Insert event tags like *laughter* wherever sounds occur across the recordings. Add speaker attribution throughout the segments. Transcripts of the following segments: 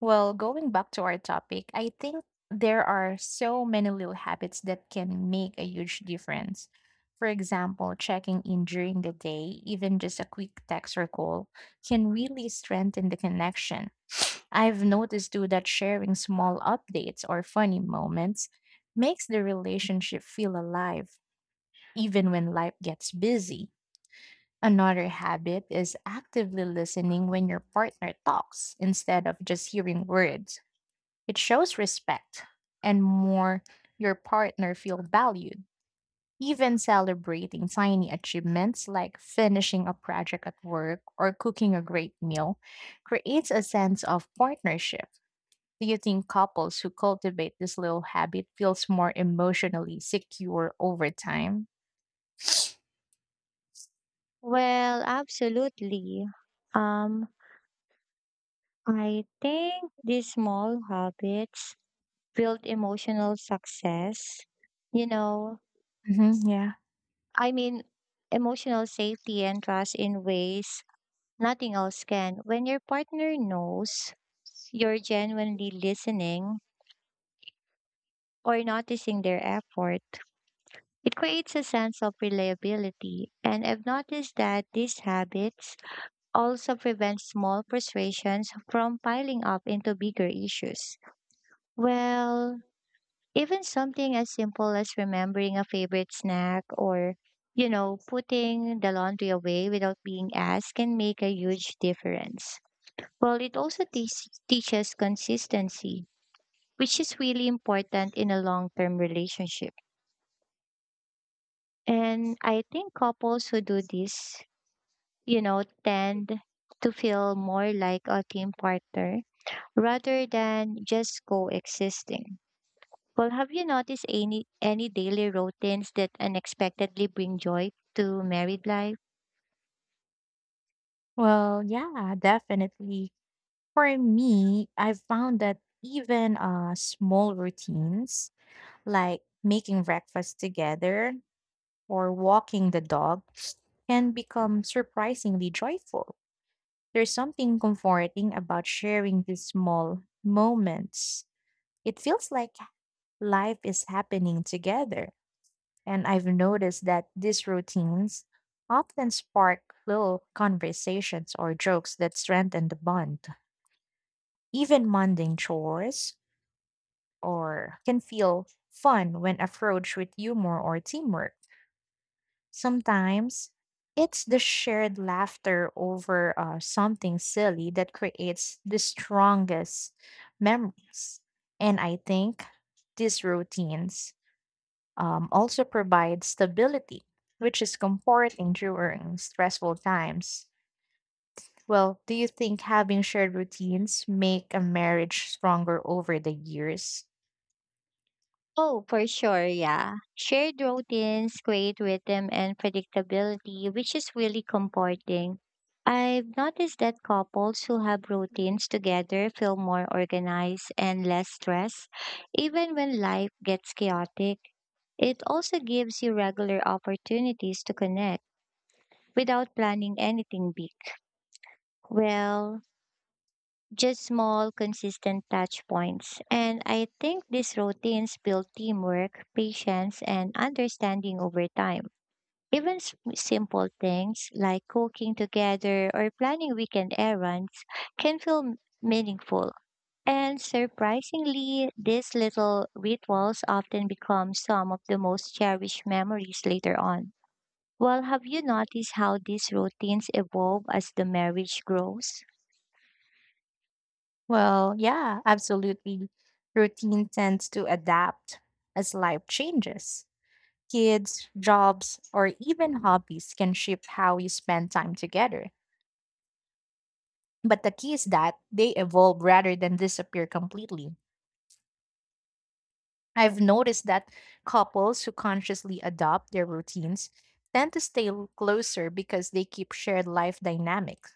Speaker 1: Well, going back to our topic, I think there are so many little habits that can make a huge difference. For example, checking in during the day, even just a quick text or call, can really strengthen the connection. I've noticed too that sharing small updates or funny moments makes the relationship feel alive, even when life gets busy. Another habit is actively listening when your partner talks instead of just hearing words. It shows respect and more your partner feel valued. Even celebrating tiny achievements like finishing a project at work or cooking a great meal creates a sense of partnership. Do you think couples who cultivate this little habit feels more emotionally secure over time?
Speaker 2: Well, absolutely. Um, I think these small habits build emotional success. You know,
Speaker 1: Hmm, yeah.
Speaker 2: I mean, emotional safety and trust in ways nothing else can. When your partner knows you're genuinely listening or noticing their effort, it creates a sense of reliability. And I've noticed that these habits also prevents small frustrations from piling up into bigger issues. Well, even something as simple as remembering a favorite snack or, putting the laundry away without being asked can make a huge difference. Well, it also teaches consistency, which is really important in a long term relationship. And I think couples who do this, tend to feel more like a team partner rather than just coexisting. Well, have you noticed any daily routines that unexpectedly bring joy to married life?
Speaker 1: Well, yeah, definitely. For me, I've found that even small routines like making breakfast together or walking the dog, can become surprisingly joyful. There's something comforting about sharing these small moments. It feels like life is happening together. And I've noticed that these routines often spark little conversations or jokes that strengthen the bond. Even mundane chores or can feel fun when approached with humor or teamwork. Sometimes it's the shared laughter over something silly that creates the strongest memories. And I think these routines also provide stability, which is comforting during stressful times. Well, do you think having shared routines make a marriage stronger over the years?
Speaker 2: Oh, for sure, yeah. Shared routines create rhythm and predictability, which is really comforting. I've noticed that couples who have routines together feel more organized and less stressed, even when life gets chaotic. It also gives you regular opportunities to connect without planning anything big. Well, just small, consistent touch points. And I think these routines build teamwork, patience, and understanding over time. Even simple things like cooking together or planning weekend errands can meaningful. And surprisingly, these little rituals often become some of the most cherished memories later on. Well, have you noticed how these routines evolve as the marriage grows?
Speaker 1: Well, yeah, absolutely. Routine tends to adapt as life changes. Kids, jobs, or even hobbies can shape how you spend time together. But the key is that they evolve rather than disappear completely. I've noticed that couples who consciously adopt their routines tend to stay closer because they keep shared life dynamics.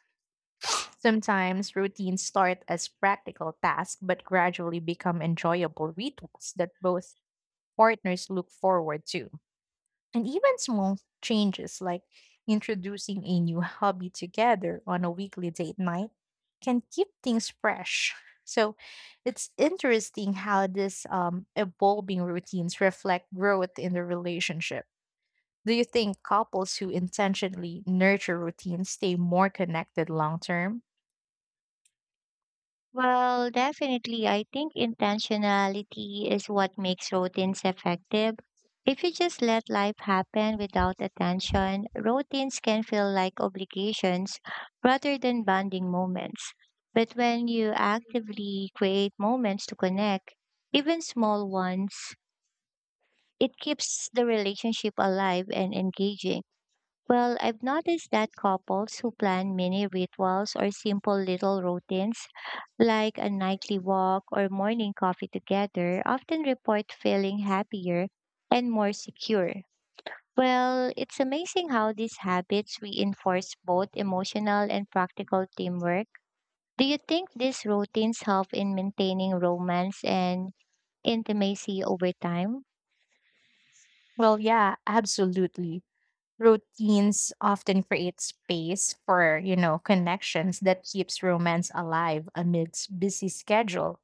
Speaker 1: Sometimes routines start as practical tasks but gradually become enjoyable rituals that both partners look forward to. And even small changes like introducing a new hobby together on a weekly date night can keep things fresh. So it's interesting how this evolving routines reflect growth in the relationship. Do you think couples who intentionally nurture routines stay more connected long term?
Speaker 2: Well, definitely. I think intentionality is what makes routines effective. If you just let life happen without attention, routines can feel like obligations rather than bonding moments. But when you actively create moments to connect, even small ones, it keeps the relationship alive and engaging. Well, I've noticed that couples who plan mini rituals or simple little routines like a nightly walk or morning coffee together often report feeling happier and more secure. Well, it's amazing how these habits reinforce both emotional and practical teamwork. Do you think these routines help in maintaining romance and intimacy over time?
Speaker 1: Well, yeah, absolutely. Routines often create space for, you know, connections that keeps romance alive amidst busy schedule.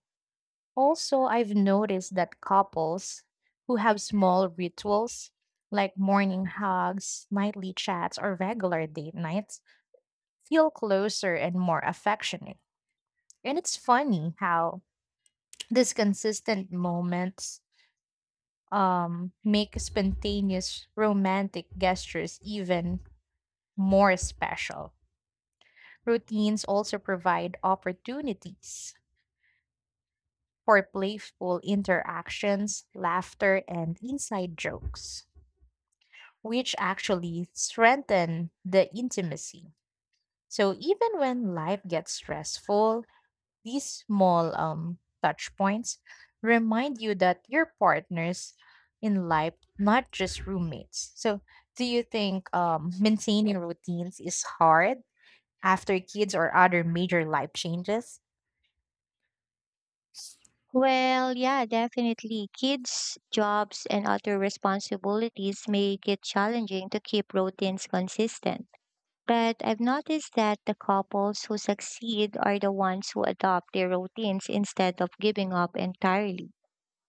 Speaker 1: Also, I've noticed that couples who have small rituals like morning hugs, nightly chats, or regular date nights feel closer and more affectionate. And it's funny how these consistent moments make spontaneous romantic gestures even more special. Routines also provide opportunities for playful interactions, laughter, and inside jokes, which actually strengthen the intimacy. So even when life gets stressful, these small touch points remind you that your partners in life, not just roommates. So do you think maintaining routines is hard after kids or other major life changes?
Speaker 2: Well, yeah, definitely. Kids, jobs, and other responsibilities make it challenging to keep routines consistent. But I've noticed that the couples who succeed are the ones who adopt their routines instead of giving up entirely.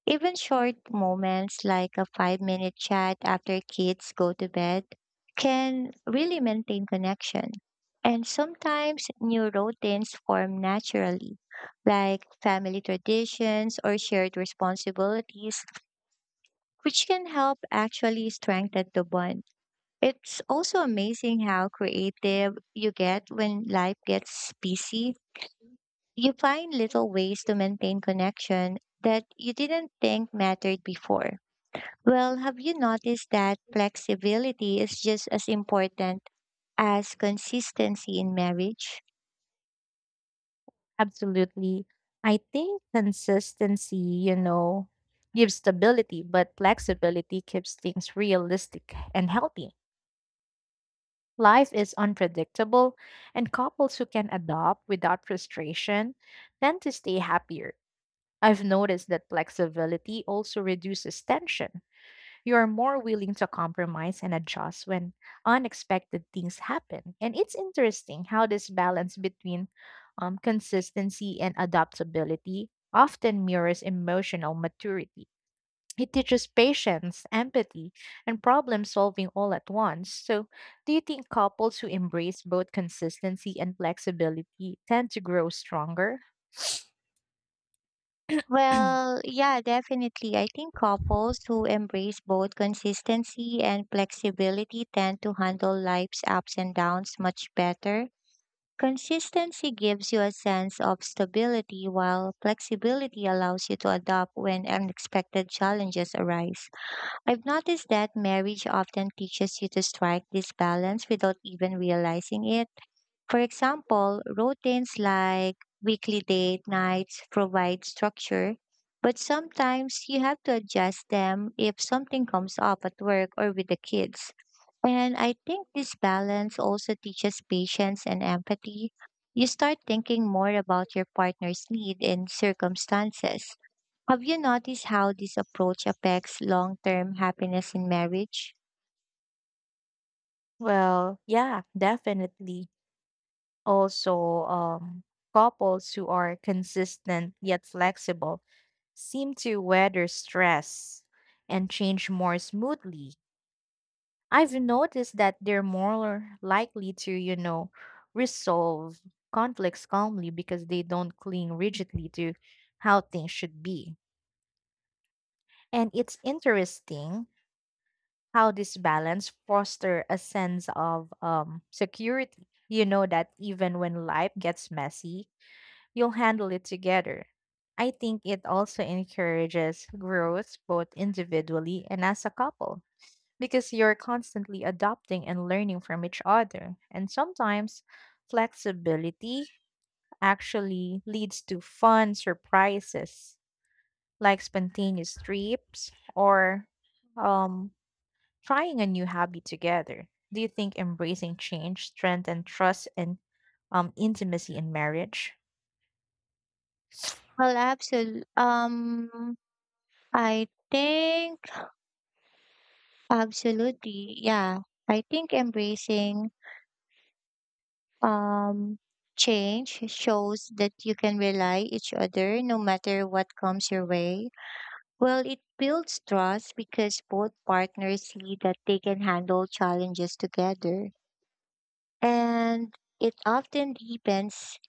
Speaker 2: Even short moments like a 5-minute chat after kids go to bed can really maintain connection. And sometimes new routines form naturally, like family traditions or shared responsibilities, which can help actually strengthen the bond. It's also amazing how creative you get when life gets busy. You find little ways to maintain connection that you didn't think mattered before. Well, have you noticed that flexibility is just as important as consistency in marriage?
Speaker 1: Absolutely. I think consistency, you know, gives stability, but flexibility keeps things realistic and healthy. Life is unpredictable, and couples who can adopt without frustration tend to stay happier. I've noticed that flexibility also reduces tension. You are more willing to compromise and adjust when unexpected things happen. And it's interesting how this balance between consistency and adaptability often mirrors emotional maturity. It teaches patience, empathy, and problem solving all at once. So, do you think couples who embrace both consistency and flexibility tend to grow stronger?
Speaker 2: Well,
Speaker 1: *clears throat*
Speaker 2: yeah, definitely. I think couples who embrace both consistency and flexibility tend to handle life's ups and downs much better. Consistency gives you a sense of stability, while flexibility allows you to adapt when unexpected challenges arise. I've noticed that marriage often teaches you to strike this balance without even realizing it. For example, routines like weekly date nights provide structure, but sometimes you have to adjust them if something comes up at work or with the kids. And I think this balance also teaches patience and empathy. You start thinking more about your partner's need and circumstances. Have you noticed how this approach affects long-term happiness in marriage?
Speaker 1: Well, yeah, definitely. Also, couples who are consistent yet flexible seem to weather stress and change more smoothly. I've noticed that they're more likely to, you know, resolve conflicts calmly because they don't cling rigidly to how things should be. And it's interesting how this balance foster a sense of security. You know that even when life gets messy, you'll handle it together. I think it also encourages growth both individually and as a couple because you're constantly adopting and learning from each other. And sometimes flexibility actually leads to fun surprises like spontaneous trips or um, trying a new hobby together. Do you think embracing change strengthens trust and intimacy in marriage?
Speaker 2: Well, absolutely. I think absolutely. Yeah, I think embracing um change shows that you can rely each other no matter what comes your way. Well, it builds trust because both partners see that they can handle challenges together, and it often deepens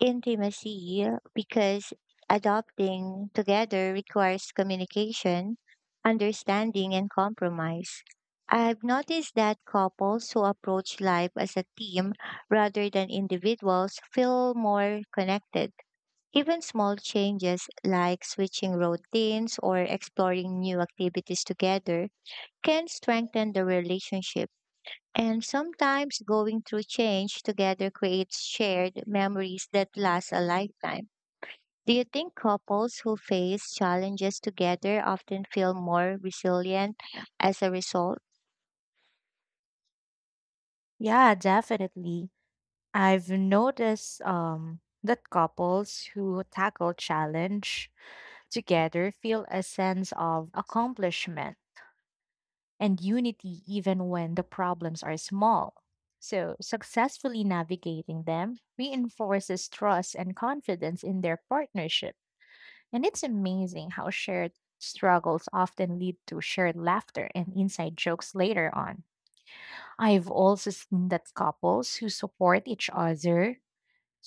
Speaker 2: intimacy because adopting together requires communication, understanding, and compromise. I've noticed that couples who approach life as a team rather than individuals feel more connected. Even small changes like switching routines or exploring new activities together can strengthen the relationship. And sometimes going through change together creates shared memories that last a lifetime. Do you think couples who face challenges together often feel more resilient as a result?
Speaker 1: Yeah, definitely. I've noticed that couples who tackle challenge together feel a sense of accomplishment and unity even when the problems are small. So, successfully navigating them reinforces trust and confidence in their partnership. And it's amazing how shared struggles often lead to shared laughter and inside jokes later on. I've also seen that couples who support each other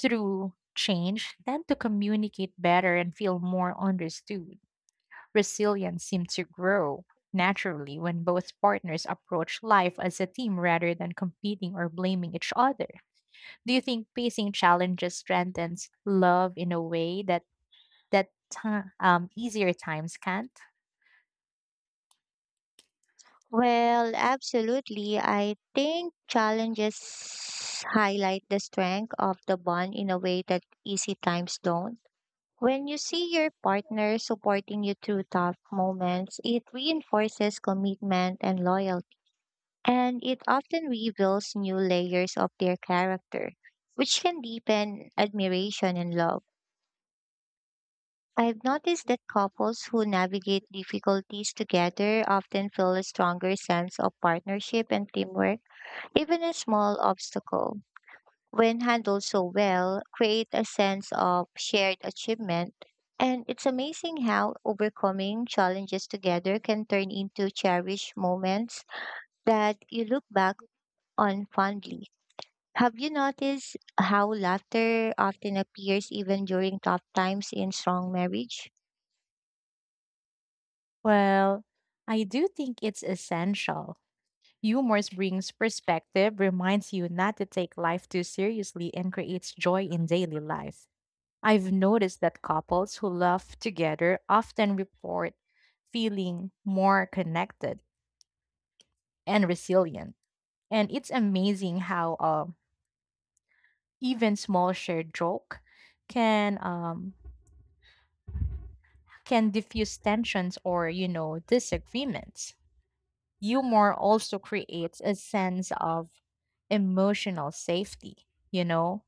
Speaker 1: through change tend to communicate better and feel more understood. Resilience seems to grow naturally when both partners approach life as a team rather than competing or blaming each other. Do you think facing challenges strengthens love in a way that easier times can't?
Speaker 2: Well, absolutely. I think challenges highlight the strength of the bond in a way that easy times don't. When you see your partner supporting you through tough moments, it reinforces commitment and loyalty. And it often reveals new layers of their character, which can deepen admiration and love. I've noticed that couples who navigate difficulties together often feel a stronger sense of partnership and teamwork. Even a small obstacle, when handled so well, create a sense of shared achievement. And it's amazing how overcoming challenges together can turn into cherished moments that you look back on fondly. Have you noticed how laughter often appears even during tough times in strong marriage?
Speaker 1: Well, I do think it's essential. Humor brings perspective, reminds you not to take life too seriously, and creates joy in daily life. I've noticed that couples who love together often report feeling more connected and resilient. And it's amazing how even small shared joke can um, can diffuse tensions or you know disagreements. Humor also creates a sense of emotional safety. You know,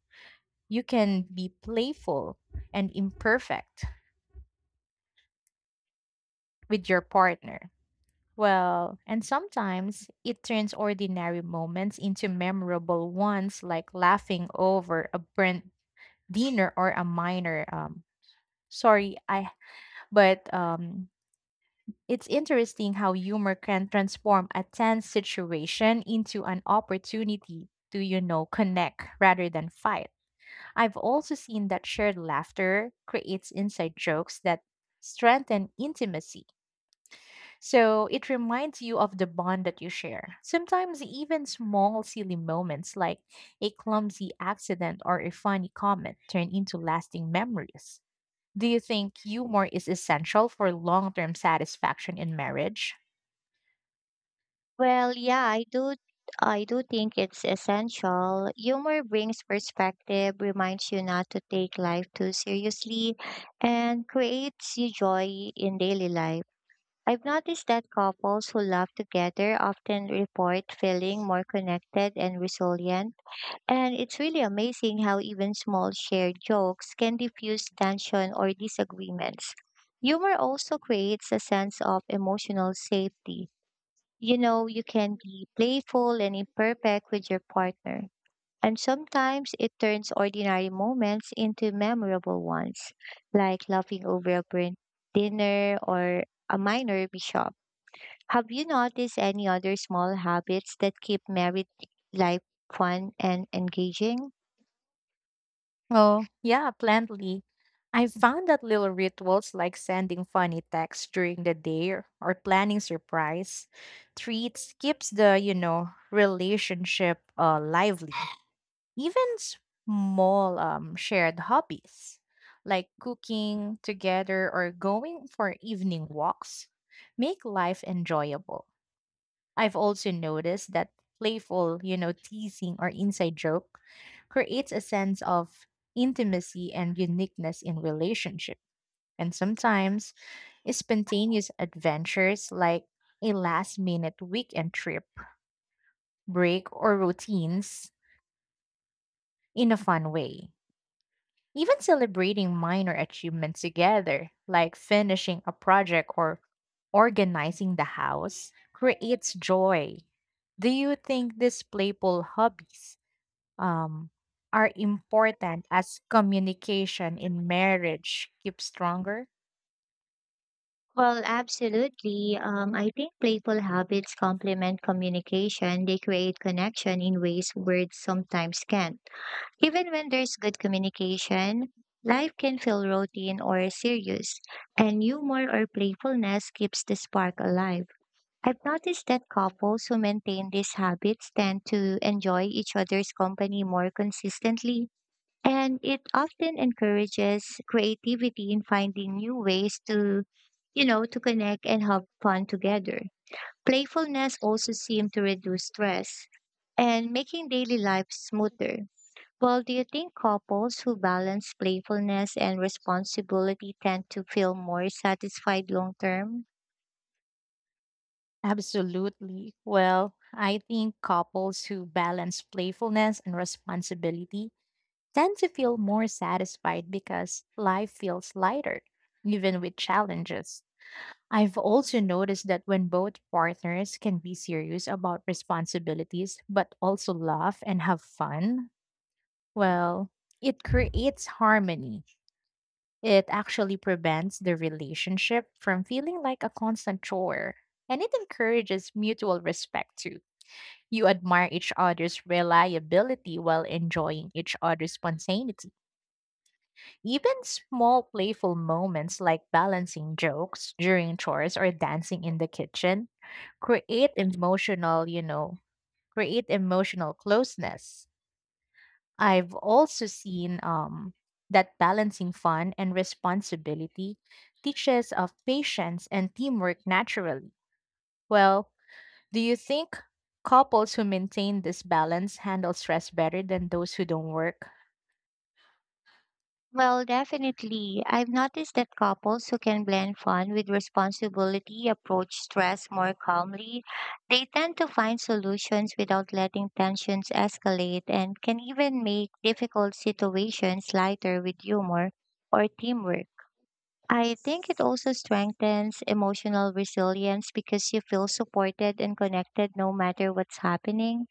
Speaker 1: you can be playful and imperfect with your partner. Well, and sometimes it turns ordinary moments into memorable ones, like laughing over a burnt dinner or a minor. Sorry, I. But it's interesting how humor can transform a tense situation into an opportunity to, you know, connect rather than fight. I've also seen that shared laughter creates inside jokes that strengthen intimacy. So it reminds you of the bond that you share. Sometimes even small silly moments like a clumsy accident or a funny comment turn into lasting memories. Do you think humor is essential for long-term satisfaction in marriage?
Speaker 2: Well, yeah, I do think it's essential. Humor brings perspective, reminds you not to take life too seriously, and creates you joy in daily life. I've noticed that couples who laugh together often report feeling more connected and resilient. And it's really amazing how even small shared jokes can diffuse tension or disagreements. Humor also creates a sense of emotional safety. You know, you can be playful and imperfect with your partner. And sometimes it turns ordinary moments into memorable ones, like laughing over a burnt dinner or a minor mishap. Have you noticed any other small habits that keep married life fun and engaging?
Speaker 1: Oh yeah, plenty. I found that little rituals like sending funny texts during the day or planning surprise treats keeps the, you know, relationship lively. Even small shared hobbies like cooking together or going for evening walks make life enjoyable. I've also noticed that playful, you know, teasing or inside joke creates a sense of intimacy and uniqueness in relationship. And sometimes spontaneous adventures like a last minute weekend trip, break, or routines in a fun way. Even celebrating minor achievements together, like finishing a project or organizing the house, creates joy. Do you think these playful hobbies um, are important as communication in marriage keeps stronger?
Speaker 2: Well, absolutely. I think playful habits complement communication. They create connection in ways words sometimes can't. Even when there's good communication, life can feel routine or serious, and humor or playfulness keeps the spark alive. I've noticed that couples who maintain these habits tend to enjoy each other's company more consistently, and it often encourages creativity in finding new ways to, connect and have fun together. Playfulness also seems to reduce stress and making daily life smoother. Well, do you think couples who balance playfulness and responsibility tend to feel more satisfied long term?
Speaker 1: Absolutely. Well, I think couples who balance playfulness and responsibility tend to feel more satisfied because life feels lighter, even with challenges. I've also noticed that when both partners can be serious about responsibilities but also laugh and have fun, well, it creates harmony. It actually prevents the relationship from feeling like a constant chore, and it encourages mutual respect too. You admire each other's reliability while enjoying each other's spontaneity. Even small playful moments like balancing jokes during chores or dancing in the kitchen create emotional, you know, create emotional closeness. I've also seen that balancing fun and responsibility teaches of patience and teamwork naturally. Well, do you think couples who maintain this balance handle stress better than those who don't work?
Speaker 2: Well, definitely. I've noticed that couples who can blend fun with responsibility approach stress more calmly. They tend to find solutions without letting tensions escalate and can even make difficult situations lighter with humor or teamwork. I think it also strengthens emotional resilience because you feel supported and connected no matter what's happening.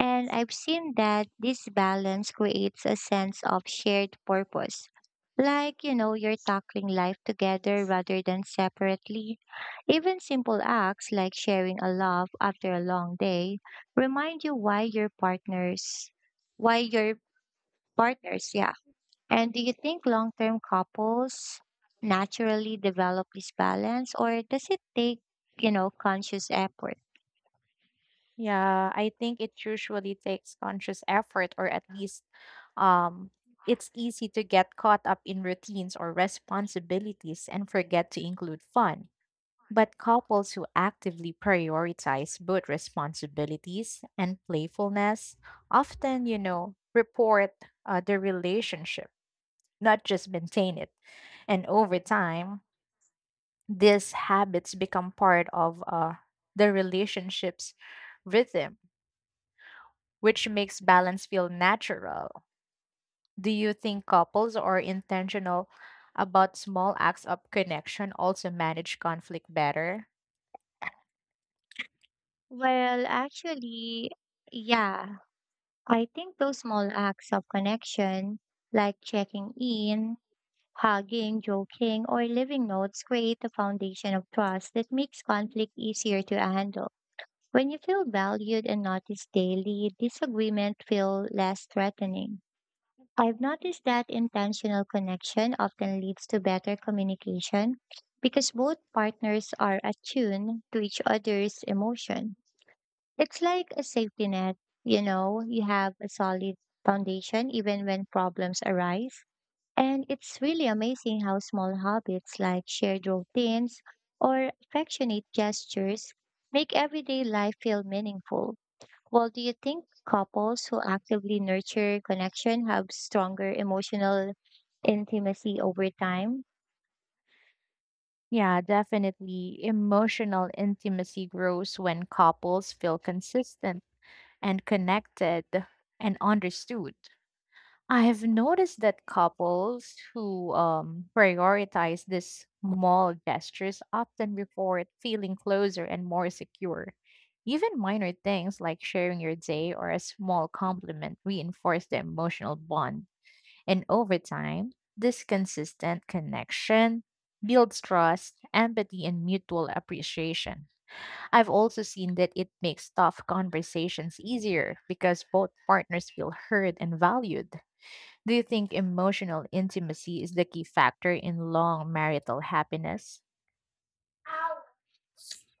Speaker 2: And I've seen that this balance creates a sense of shared purpose. Like, you know, you're tackling life together rather than separately. Even simple acts like sharing a laugh after a long day remind you why your partners, yeah. And do you think long term couples naturally develop this balance or does it take, you know, conscious effort?
Speaker 1: Yeah, I think it usually takes conscious effort, or at least um, it's easy to get caught up in routines or responsibilities and forget to include fun. But couples who actively prioritize both responsibilities and playfulness often, you know, report their relationship, not just maintain it. And over time, these habits become part of the relationship's rhythm which makes balance feel natural. Do you think couples are intentional about small acts of connection also manage conflict better?
Speaker 2: Well, actually, yeah. I think those small acts of connection, like checking in, hugging, joking, or leaving notes, create a foundation of trust that makes conflict easier to handle. When you feel valued and noticed daily, disagreement feel less threatening. I've noticed that intentional connection often leads to better communication because both partners are attuned to each other's emotion. It's like a safety net, you know, you have a solid foundation even when problems arise. And it's really amazing how small habits like shared routines or affectionate gestures make everyday life feel meaningful. Well, do you think couples who actively nurture connection have stronger emotional intimacy over time?
Speaker 1: Yeah, definitely. Emotional intimacy grows when couples feel consistent and connected and understood. I have noticed that couples who prioritize these small gestures often report feeling closer and more secure. Even minor things like sharing your day or a small compliment reinforce the emotional bond. And over time, this consistent connection builds trust, empathy, and mutual appreciation. I've also seen that it makes tough conversations easier because both partners feel heard and valued. Do you think emotional intimacy is the key factor in long marital happiness?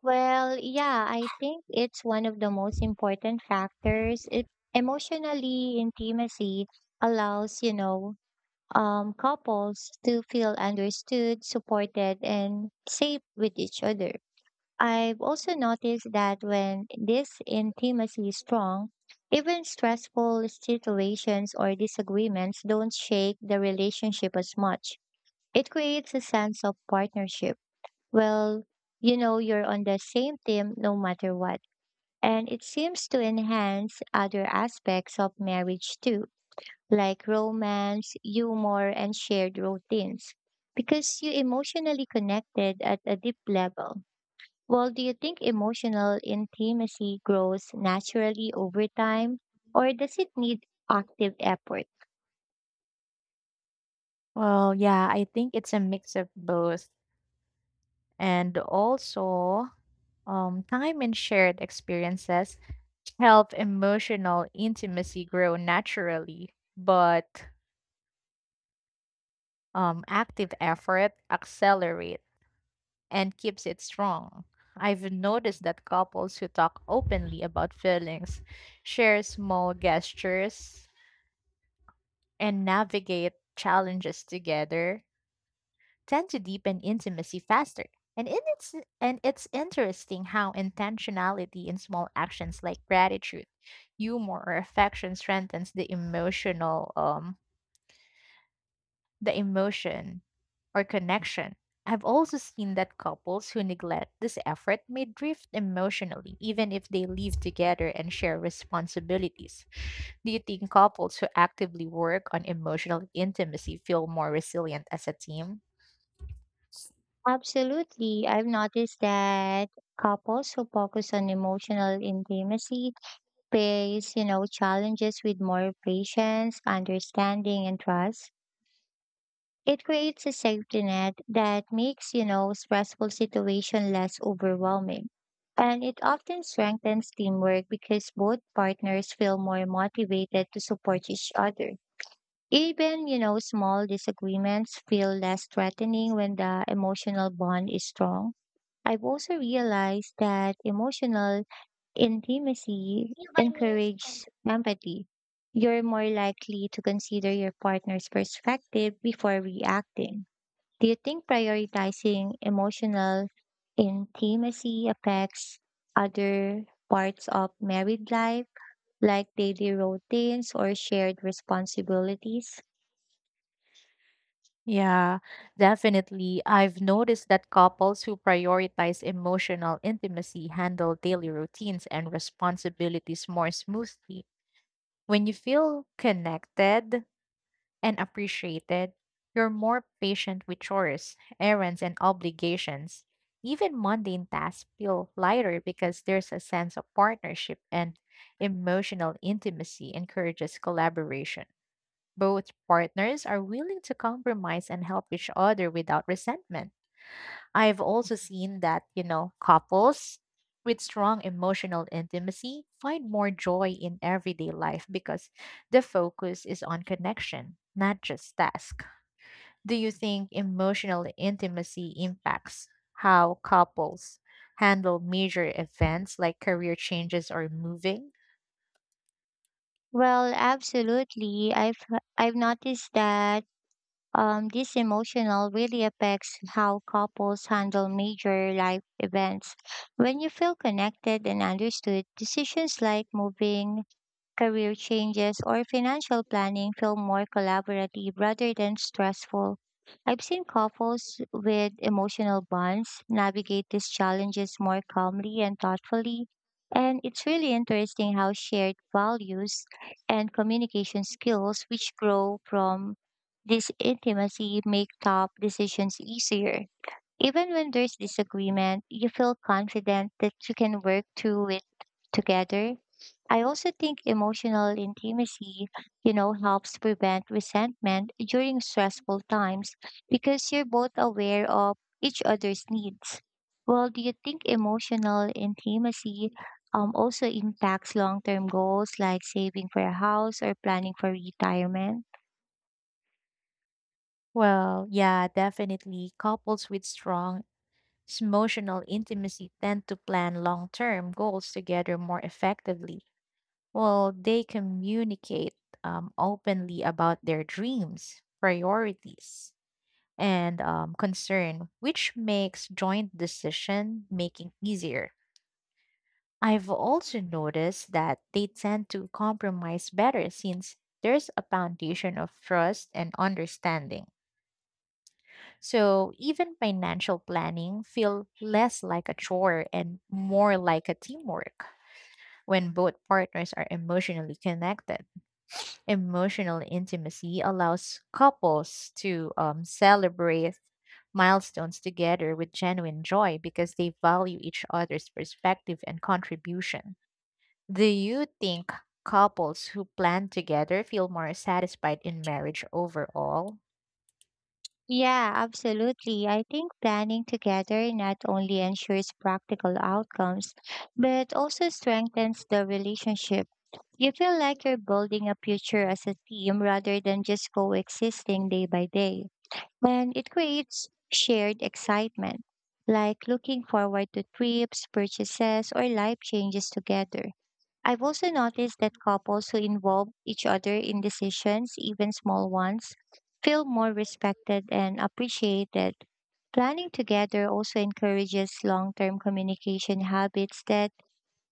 Speaker 2: Well, yeah, I think it's one of the most important factors. Emotionally, intimacy allows, couples to feel understood, supported, and safe with each other. I've also noticed that when this intimacy is strong, even stressful situations or disagreements don't shake the relationship as much. It creates a sense of partnership. Well, you know you're on the same team no matter what. And it seems to enhance other aspects of marriage too, like romance, humor, and shared routines, because you emotionally connected at a deep level. Well, do you think emotional intimacy grows naturally over time, or does it need active effort?
Speaker 1: Well, yeah, I think it's a mix of both. And also, time and shared experiences help emotional intimacy grow naturally, but active effort accelerate and keeps it strong. I've noticed that couples who talk openly about feelings share small gestures and navigate challenges together tend to deepen intimacy faster. And in it's and it's interesting how intentionality in small actions like gratitude, humor, or affection strengthens the emotion or connection. I've also seen that couples who neglect this effort may drift emotionally, even if they live together and share responsibilities. Do you think couples who actively work on emotional intimacy feel more resilient as a team?
Speaker 2: Absolutely. I've noticed that couples who focus on emotional intimacy face, you know, challenges with more patience, understanding, and trust. It creates a safety net that makes, you know, stressful situation less overwhelming. And it often strengthens teamwork because both partners feel more motivated to support each other. Even, you know, small disagreements feel less threatening when the emotional bond is strong. I've also realized that emotional intimacy encourages empathy. You're more likely to consider your partner's perspective before reacting. Do you think prioritizing emotional intimacy affects other parts of married life, like daily routines or shared responsibilities?
Speaker 1: Yeah, definitely. I've noticed that couples who prioritize emotional intimacy handle daily routines and responsibilities more smoothly. When you feel connected, and appreciated, you're more patient with chores, errands, and obligations. Even mundane tasks feel lighter because there's a sense of partnership and emotional intimacy encourages collaboration. Both partners are willing to compromise and help each other without resentment. I've also seen that, you know, couples with strong emotional intimacy find more joy in everyday life because the focus is on connection, not just task. Do you think emotional intimacy impacts how couples handle major events like career changes or moving?
Speaker 2: Well, absolutely. I've noticed that this emotional really affects how couples handle major life events. When you feel connected and understood, decisions like moving, career changes or financial planning feel more collaborative rather than stressful. I've seen couples with emotional bonds navigate these challenges more calmly and thoughtfully, and it's really interesting how shared values and communication skills, which grow from this intimacy, make tough decisions easier. Even when there's disagreement, you feel confident that you can work through it together. I also think emotional intimacy, you know, helps prevent resentment during stressful times because you're both aware of each other's needs. Well, do you think emotional intimacy also impacts long term goals like saving for a house or planning for retirement?
Speaker 1: Well, yeah, definitely. Couples with strong emotional intimacy tend to plan long term goals together more effectively. Well, they communicate openly about their dreams, priorities, and concern, which makes joint decision making easier. I've also noticed that they tend to compromise better since there's a foundation of trust and understanding. So even financial planning feel less like a chore and more like a teamwork when both partners are emotionally connected. Emotional intimacy allows couples to celebrate milestones together with genuine joy because they value each other's perspective and contribution. Do you think couples who plan together feel more satisfied in marriage overall?
Speaker 2: Yeah, absolutely. I think planning together not only ensures practical outcomes, but also strengthens the relationship. You feel like you're building a future as a team rather than just coexisting day by day. And it creates shared excitement, like looking forward to trips, purchases, or life changes together. I've also noticed that couples who involve each other in decisions, even small ones, feel more respected and appreciated. Planning together also encourages long term communication habits that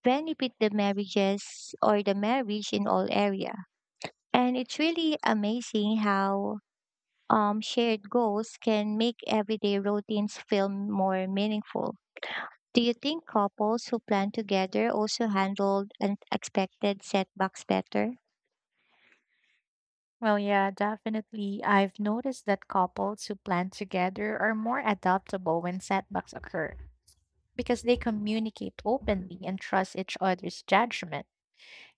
Speaker 2: benefit the marriages or the marriage in all area. And it's really amazing how shared goals can make everyday routines feel more meaningful. Do you think couples who plan together also handle unexpected setbacks better?
Speaker 1: Well, yeah, definitely. I've noticed that couples who plan together are more adaptable when setbacks occur because they communicate openly and trust each other's judgment.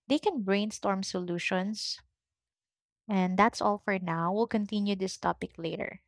Speaker 1: They can brainstorm solutions. And that's all for now. We'll continue this topic later.